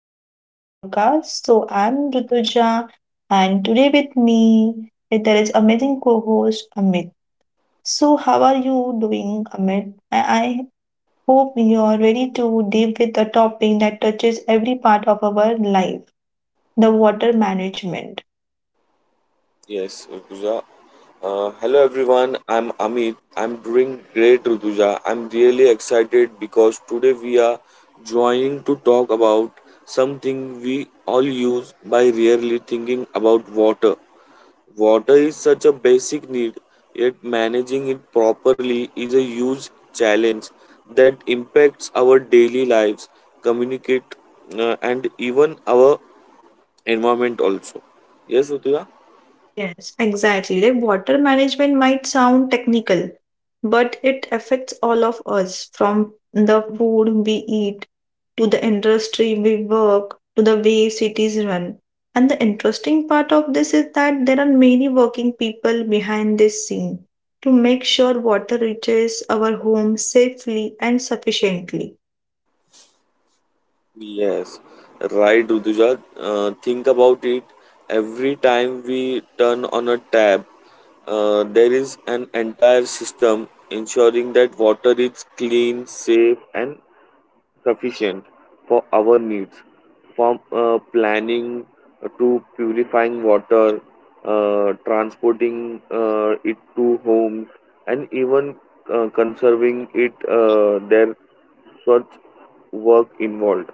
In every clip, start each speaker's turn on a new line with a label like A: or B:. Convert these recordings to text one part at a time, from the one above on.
A: of our podcast. So I'm Rutuja and today with me there is amazing co-host Amit. So how are you doing Amit? I hope you're ready to deep with a topic that touches every part of our life, the water management.
B: Yes, Rutuja. Hello everyone, I'm Amit. I'm doing great, Rutuja. I'm really excited because today we are joining to talk about something we all use by rarely thinking about water. Water is such a basic need, yet managing it properly is a huge challenge that impacts our daily lives, communicate, and even our environment also. Yes, Rutuja?
A: Yes, exactly. Like water management might sound technical, but it affects all of us from the food we eat to the industry we work to the way cities run. And the interesting part of this is that there are many working people behind this scene to make sure water reaches our homes safely and sufficiently.
B: Yes, right, Rutuja. Think about it. Every time we turn on a tap, there is an entire system ensuring that water is clean, safe, and sufficient for our needs. From planning to purifying water, transporting it to homes, and even conserving it, there such work involved.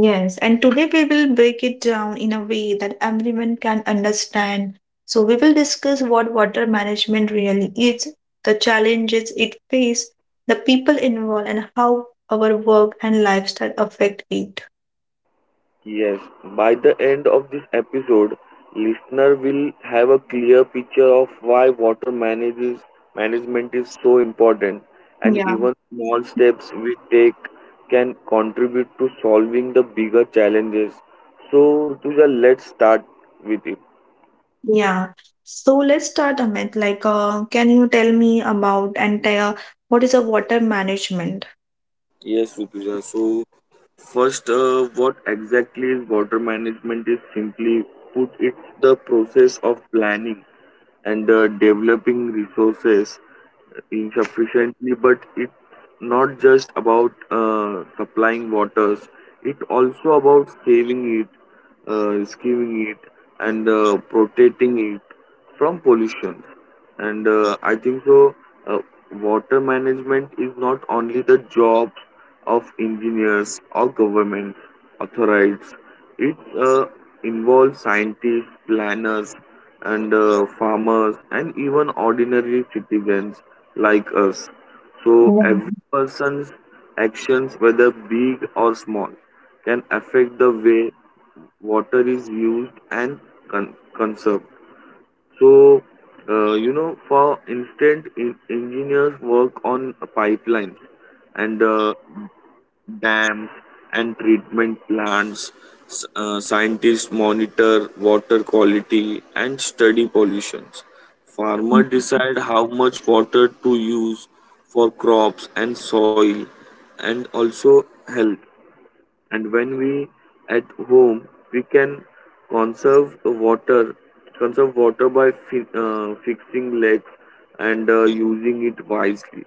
A: Yes, and today we will break it down in a way that everyone can understand. So, we will discuss what water management really is, the challenges it faces, the people involved, and how our work and lifestyle affect it.
B: Yes, by the end of this episode, listener will have a clear picture of why water manages management is so important and
A: Yeah.
B: even small steps we take can contribute to solving the bigger challenges. So, Rutuja, let's start with it.
A: Yeah. So, let's start, Amit. Like, can you tell me about and tell what is a water management?
B: Yes, Rutuja. So, first, what exactly is water management is simply put, it's the process of planning and developing resources insufficiently, but it's not just about supplying waters, it also about saving it, rescuing it, and protecting it from pollution and I think so uh, water management is not only the job of engineers or government authorities it uh, involves scientists planners and farmers and even ordinary citizens like us, so every person's actions, whether big or small, can affect the way water is used and con- conserved. So, you know, for instance, engineers work on pipelines and dams and treatment plants. Scientists monitor water quality and study pollutions. Farmers decide how much water to use for crops and soil and also health. And when we at home we can conserve the water, conserve water by fixing lakes and using it wisely.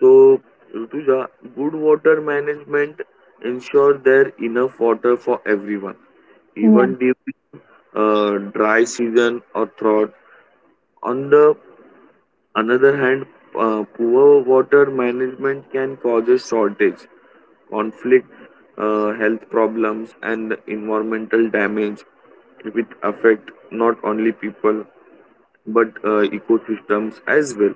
B: So Rutuja, good water management ensure there enough water for everyone,
A: Yeah.
B: even during dry season or drought. On the Another hand, poor water management can cause a shortage, conflict, health problems, and environmental damage, which affect not only people but ecosystems as well.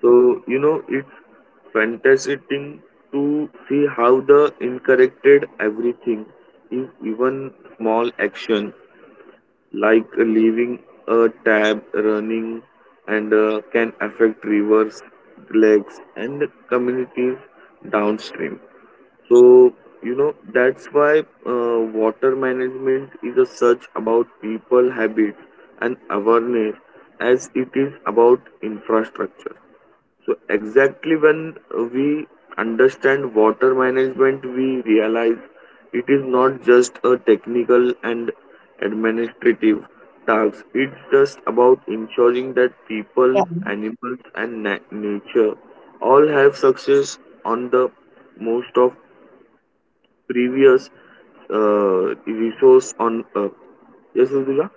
B: So you know, it's fantastic thing to see how the incorrected everything, if even small action like leaving a tab running and can affect rivers, lakes, and communities downstream. So, you know, that's why water management is a search about people habits and awareness as it is about infrastructure. So exactly when we understand water management, we realize it is not just a technical and administrative task. It's just about ensuring that
A: Yeah.
B: people, animals, and nature all have success on the most of previous resource on Earth. Yes, Rutuja?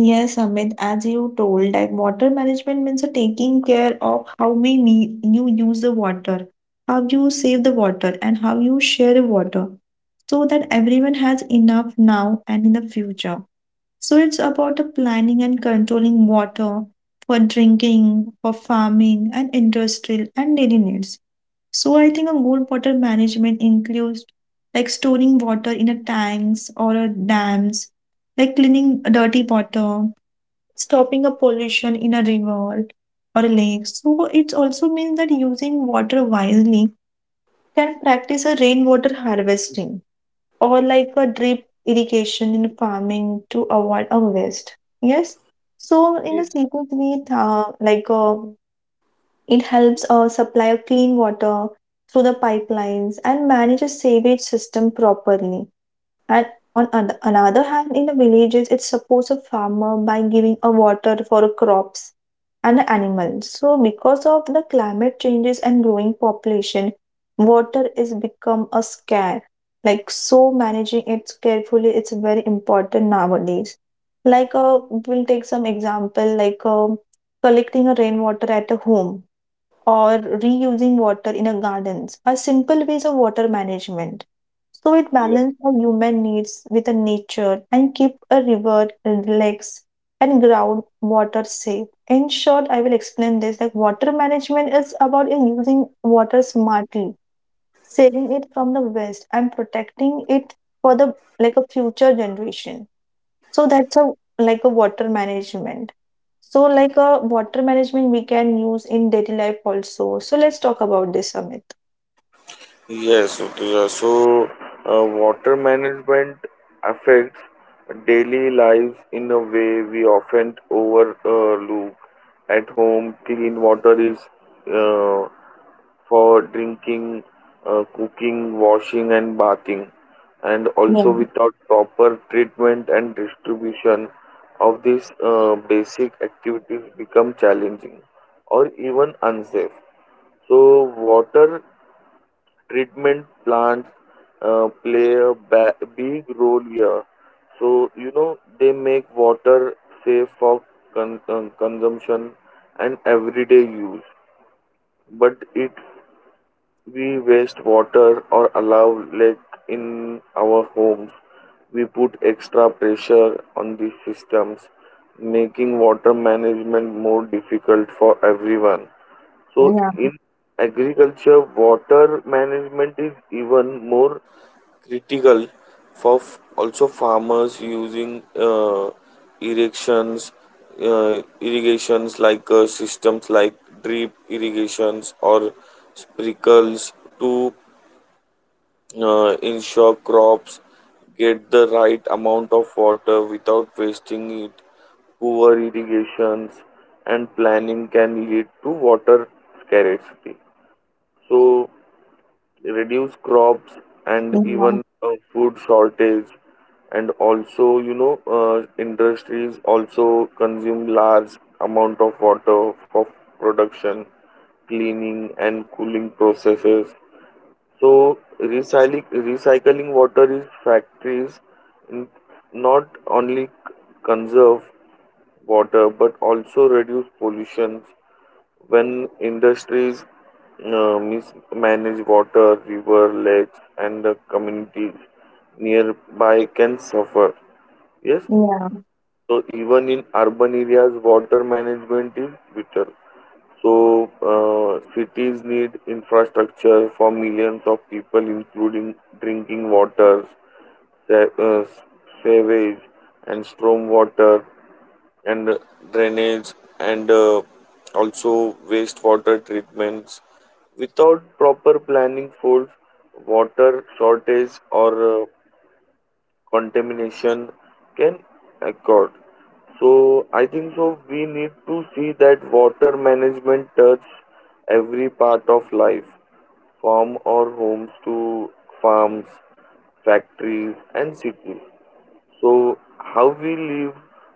A: Yes, Amit, as you told, like water management means a taking care of how we me you use the water, how you save the water, and how you share the water, so that everyone has enough now and in the future. So it's about the planning and controlling water for drinking, for farming, and industrial and daily needs. So I think a good water management includes like storing water in a tanks or a dams like cleaning a dirty water, stopping a pollution in a river or a lake. So it also means that using water wisely can practice a rainwater harvesting or like a drip irrigation in farming to avoid a waste. Yes. So in a secret way, it helps supply a clean water through the pipelines and manage a sewage system properly. And on another hand, in the villages, it supports a farmer by giving a water for a crops and the animals. So, because of the climate changes and growing population, water is become a scare. Like so, managing it carefully, it's very important nowadays. Like we'll take some example, like collecting a rainwater at a home or reusing water in a gardens are simple ways of water management. So it balances our human needs with the nature and keep a river, lakes, and groundwater safe. In short, I will explain this like water management is about using water smartly, saving it from the waste and protecting it for the like a future generation. So that's a like a water management. So like a water management we can use in daily life also. So let's talk about this, Amit.
B: Yes, Utuja. So, water management affects daily lives in a way we often overlook. At home, clean water is uh, for drinking, cooking, washing, and bathing. And
A: Yeah,
B: also, without proper treatment and distribution of these basic activities, become challenging or even unsafe. So, water treatment plants play a ba- big role here. So, you know, they make water safe for consumption and everyday use. But if we waste water or allow leak in our homes, we put extra pressure on these systems, making water management more difficult for everyone. So
A: yeah,
B: in agriculture, water management is even more critical for also farmers using irrigations, irrigations like systems like drip irrigations or sprinkles to ensure crops get the right amount of water without wasting it. Poor irrigations and planning can lead to water scarcity, so reduce crops and
A: yeah,
B: even food shortage. And also you know uh, industries also consume large amount of water for production cleaning and cooling processes, so recycling water is factories n- not only conserve water but also reduce pollution. When industries mismanage water, river, lakes, and the communities nearby can suffer. Yes,
A: yeah.
B: so even in urban areas, water management is vital. So cities need infrastructure for millions of people, including drinking water, sa- uh, sewage, and storm water, and drainage, and also wastewater treatments. Without proper planning, food, water shortage, or contamination can occur. So I think so. We need to see that water management touch every part of life, from our homes to farms, factories, and cities. So, how we live,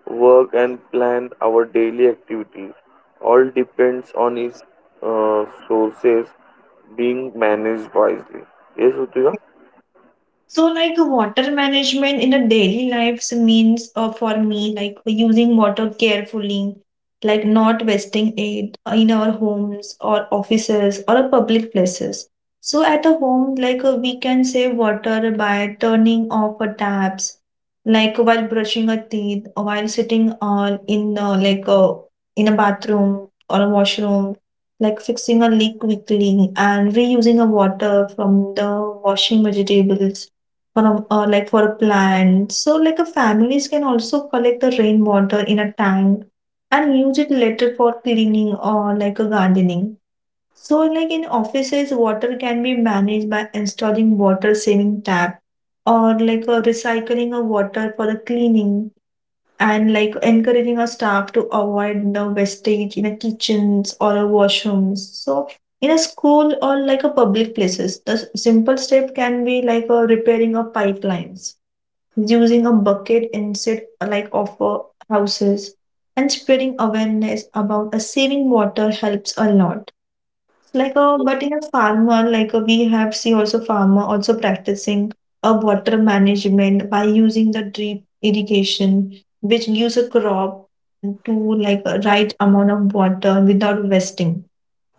B: work, and plan our daily activities all depends on its sources being managed wisely. Yes, Utika?
A: So, like water management in a daily lives means for me like using water carefully, like not wasting it in our homes or offices or public places. So, at a home, like we can save water by turning off taps, like while brushing our teeth, or while sitting in a bathroom or a washroom, like fixing a leak quickly and reusing a water from the washing vegetables for a, like for a plant. So like a families can also collect the rainwater in a tank and use it later for cleaning or like a gardening. So like in offices, water can be managed by installing water saving tap or like a recycling of water for the cleaning and like encouraging our staff to avoid the wastage in a kitchens or a washrooms, so in a school or like a public places the simple step can be like a repairing of pipelines using a bucket instead of houses and spreading awareness about a saving water helps a lot, like a but in a farmer, like a, we have see also farmer also practicing a water management by using the drip irrigation which gives a crop to like a right amount of water without wasting.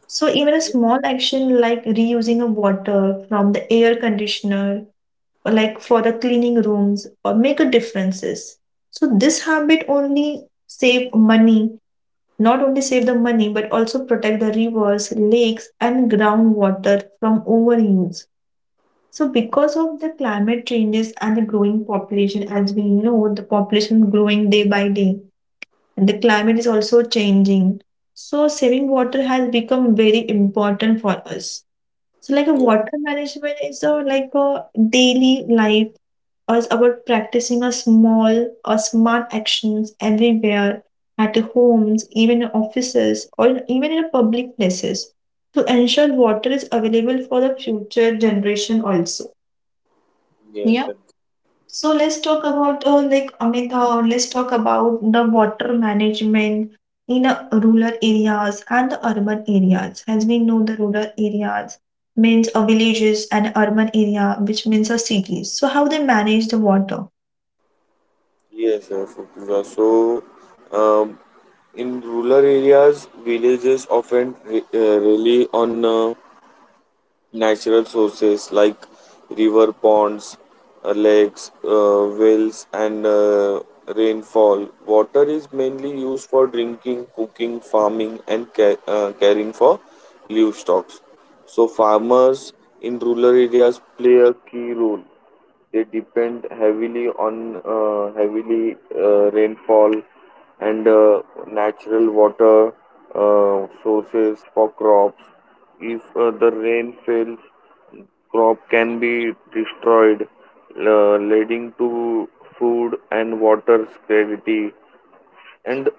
A: So even a small action like reusing a water from the air conditioner or like for the cleaning rooms or make a differences, so this habit only save money, not only save the money but also protect the rivers, lakes, and groundwater from overuse. So, because of the climate changes and the growing population, as we know, the population growing day by day, and the climate is also changing. So, saving water has become very important for us. So, like a water management is a like a daily life or about practicing a small or smart actions everywhere at homes, even in offices or even in public places to ensure water is available for the future generation also. Yeah. So let's talk about like Amita. Let's talk about the water management in rural areas and the urban areas. As we know, the rural areas means villages and urban area, which means cities. So how they manage the water?
B: Yes, Rutuja. Um, in rural areas, villages often rely on Natural sources like river ponds, lakes, wells, and rainfall. Water is mainly used for drinking, cooking, farming, and caring for livestock. So, farmers in rural areas play a key role. They depend heavily on heavily rainfall and natural water sources for crops. If the rain fails, crop can be destroyed, leading to food and water scarcity. And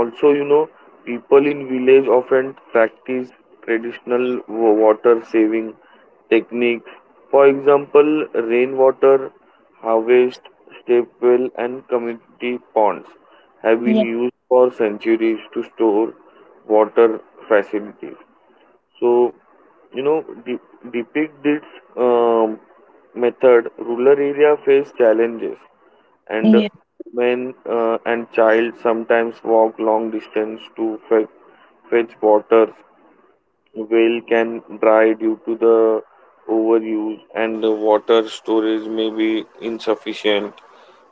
B: also you know People in village often practice traditional water saving technique. For example, rainwater harvest, step well, and community ponds have been
A: Yeah.
B: used for centuries to store water facilities. So you know, depict this um, method rural area face challenges, and
A: Yeah.
B: men and child sometimes walk long distance to fetch water. Well can dry due to the overuse, and the water storage may be insufficient.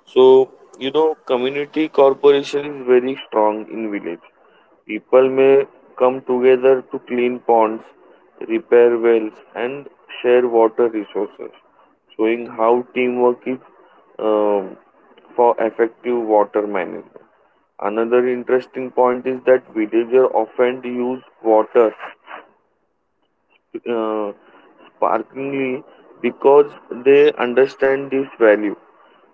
B: So you know, community corporation is very strong in village. People may come together to clean ponds, repair wells, and share water resources, showing how teamwork is uh, for effective water management. Another interesting point is that villagers often use water uh, sparklingly because they understand this value.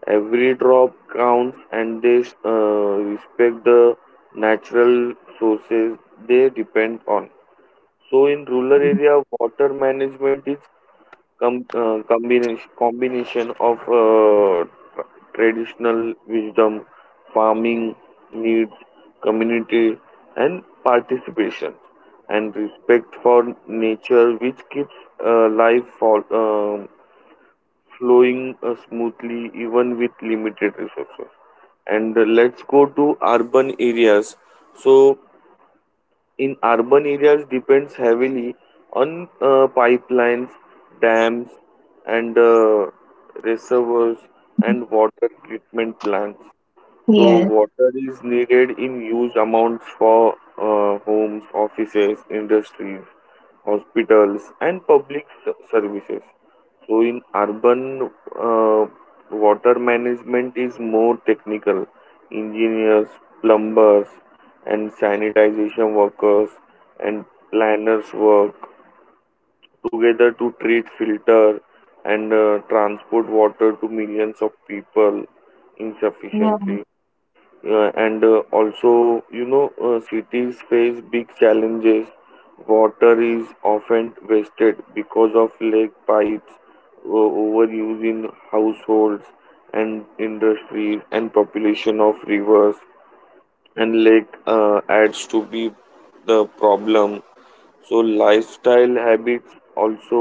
B: Every drop counts and they respect the natural sources they depend on. So, in rural area, water management is combination of tra- traditional wisdom, farming needs, community, and participation, and respect for nature, which keeps life flowing smoothly even with limited resources. And Let's go to urban areas. So in urban areas depends heavily on pipelines, dams, and reservoirs and water treatment plants. So,
A: Yes.
B: water is needed in huge amounts for homes, offices, industries, hospitals, and public services. So in urban, uh, water management is more technical. Engineers, plumbers, and sanitization workers and planners work together to treat, filter, and transport water to millions of people insufficiently. And also you know Cities face big challenges. Water is often wasted because of leak pipes, overuse in households and industries, and population of rivers and lake adds to be the problem. So lifestyle habits also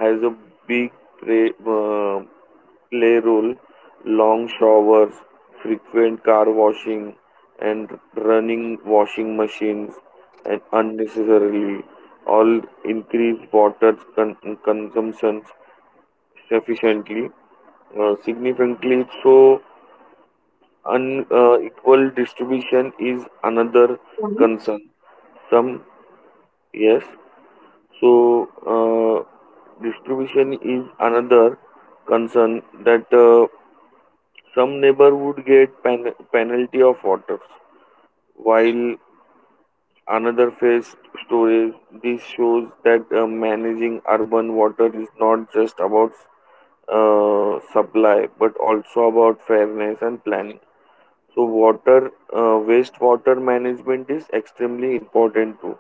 B: has a big play, uh, play role. Long showers, frequent car washing, and running washing machines and unnecessarily all increase water consumption sufficiently significantly. So unequal distribution is another concern. Some yes. So Distribution is another concern that some neighborhood get penalty of waters while another face storage. This shows that managing urban water is not just about supply but also about fairness and planning. So, water wastewater management is extremely important too.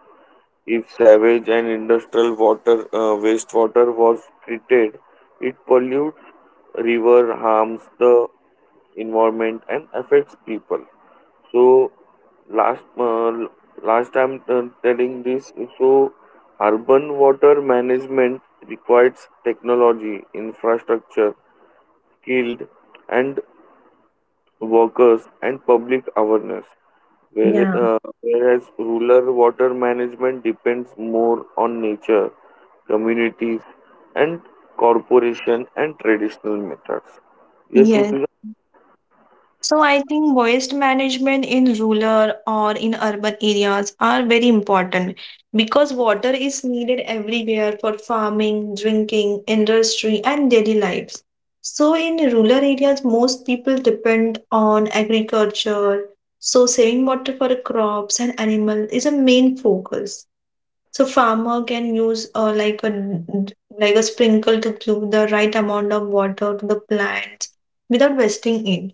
B: If savage and industrial water wastewater was treated, it pollutes river harms the environment and affects people. So last uh, last time telling this, so urban water management requires technology, infrastructure, skilled and workers and public awareness.
A: Yeah.
B: Whereas rural water management depends more on nature, communities, and corporation and traditional methods. Yes,
A: Yeah.
B: Utuja?
A: So I think waste management in rural or in urban areas are very important because water is needed everywhere for farming, drinking, industry, and daily lives. So in rural areas, most people depend on agriculture. So saving water for crops and animals is a main focus. So farmer can use like a sprinkle to give the right amount of water to the plants without wasting it.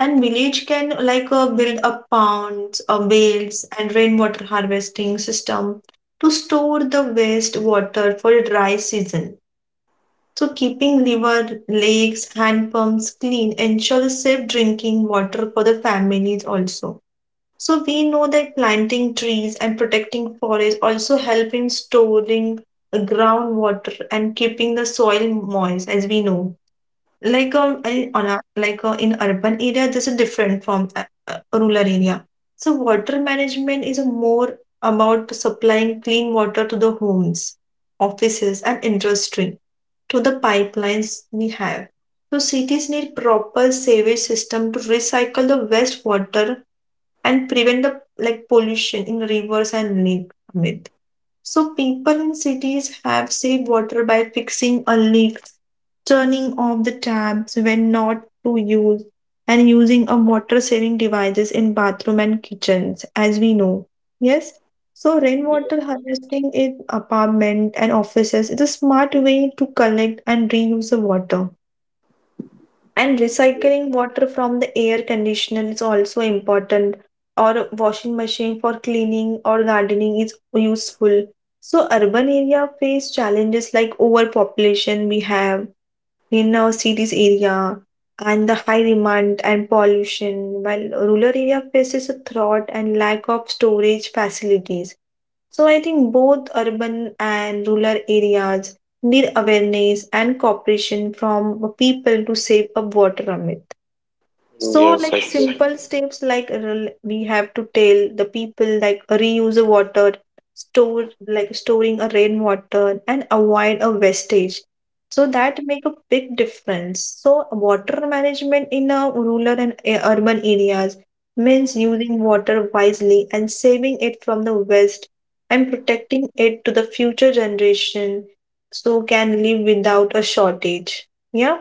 A: And village can like build up ponds or wells and rainwater harvesting system to store the waste water for dry season. So keeping river, lakes, hand pumps clean ensures safe drinking water for the families also. So we know that planting trees and protecting forests also help in storing the groundwater and keeping the soil moist, as we know. Like in urban area, this is different from rural area. So water management is more about supplying clean water to the homes, offices, and industry to the pipelines we have. So cities need proper sewage system to recycle the wastewater and prevent the like pollution in rivers and lake. Amit. So people in cities have saved water by fixing a leak, turning off the taps when not to use, and using a water saving devices in bathroom and kitchens, as we know. Yes. So rainwater harvesting in apartment and offices is a smart way to collect and reuse the water and recycling water from the air conditioner is also important, or washing machine for cleaning or gardening is useful. So urban area face challenges like overpopulation we have in our cities area and the high demand and pollution, while rural area faces a drought and lack of storage facilities. So I think both urban and rural areas need awareness and cooperation from people to save up water on it. So,
B: Yes,
A: like Yes.
B: exactly.
A: simple steps, like we have to tell the people like reuse the water, store like storing a rainwater, and avoid a wastage. So that make a big difference. So water management in a rural and urban areas means using water wisely and saving it from the waste and protecting it to the future generation so can live without a shortage. Yeah.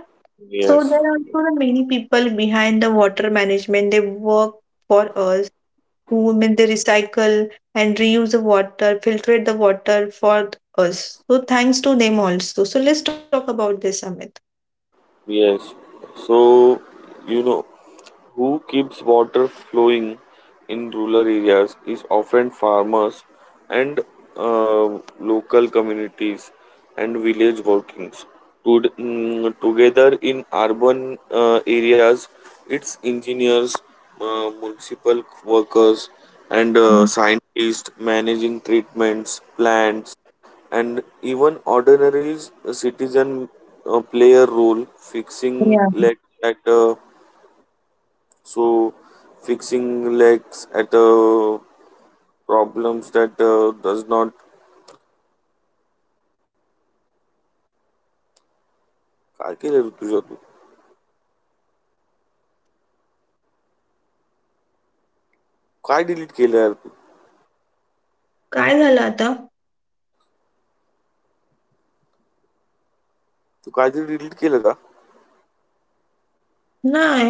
A: So there
B: Yes,
A: are also the many people behind the water management. They work for us to mean they recycle and reuse the water, filtrate the water for us. So thanks to them also. So let's talk about this, Amit.
B: yes. So, you know, who keeps water flowing in rural areas is often farmers and uh, local communities and village workings. To, mm, together in urban areas, it's engineers, municipal workers, and scientists managing treatments, plants, and even ordinary citizen play a role fixing legs at so fixing legs at problems that does not काय केलं रे तुझ्या तू काय delete केलं यार तू
A: काय झालं आता
B: तू काहीतरी डिलीट केलं का
A: नाही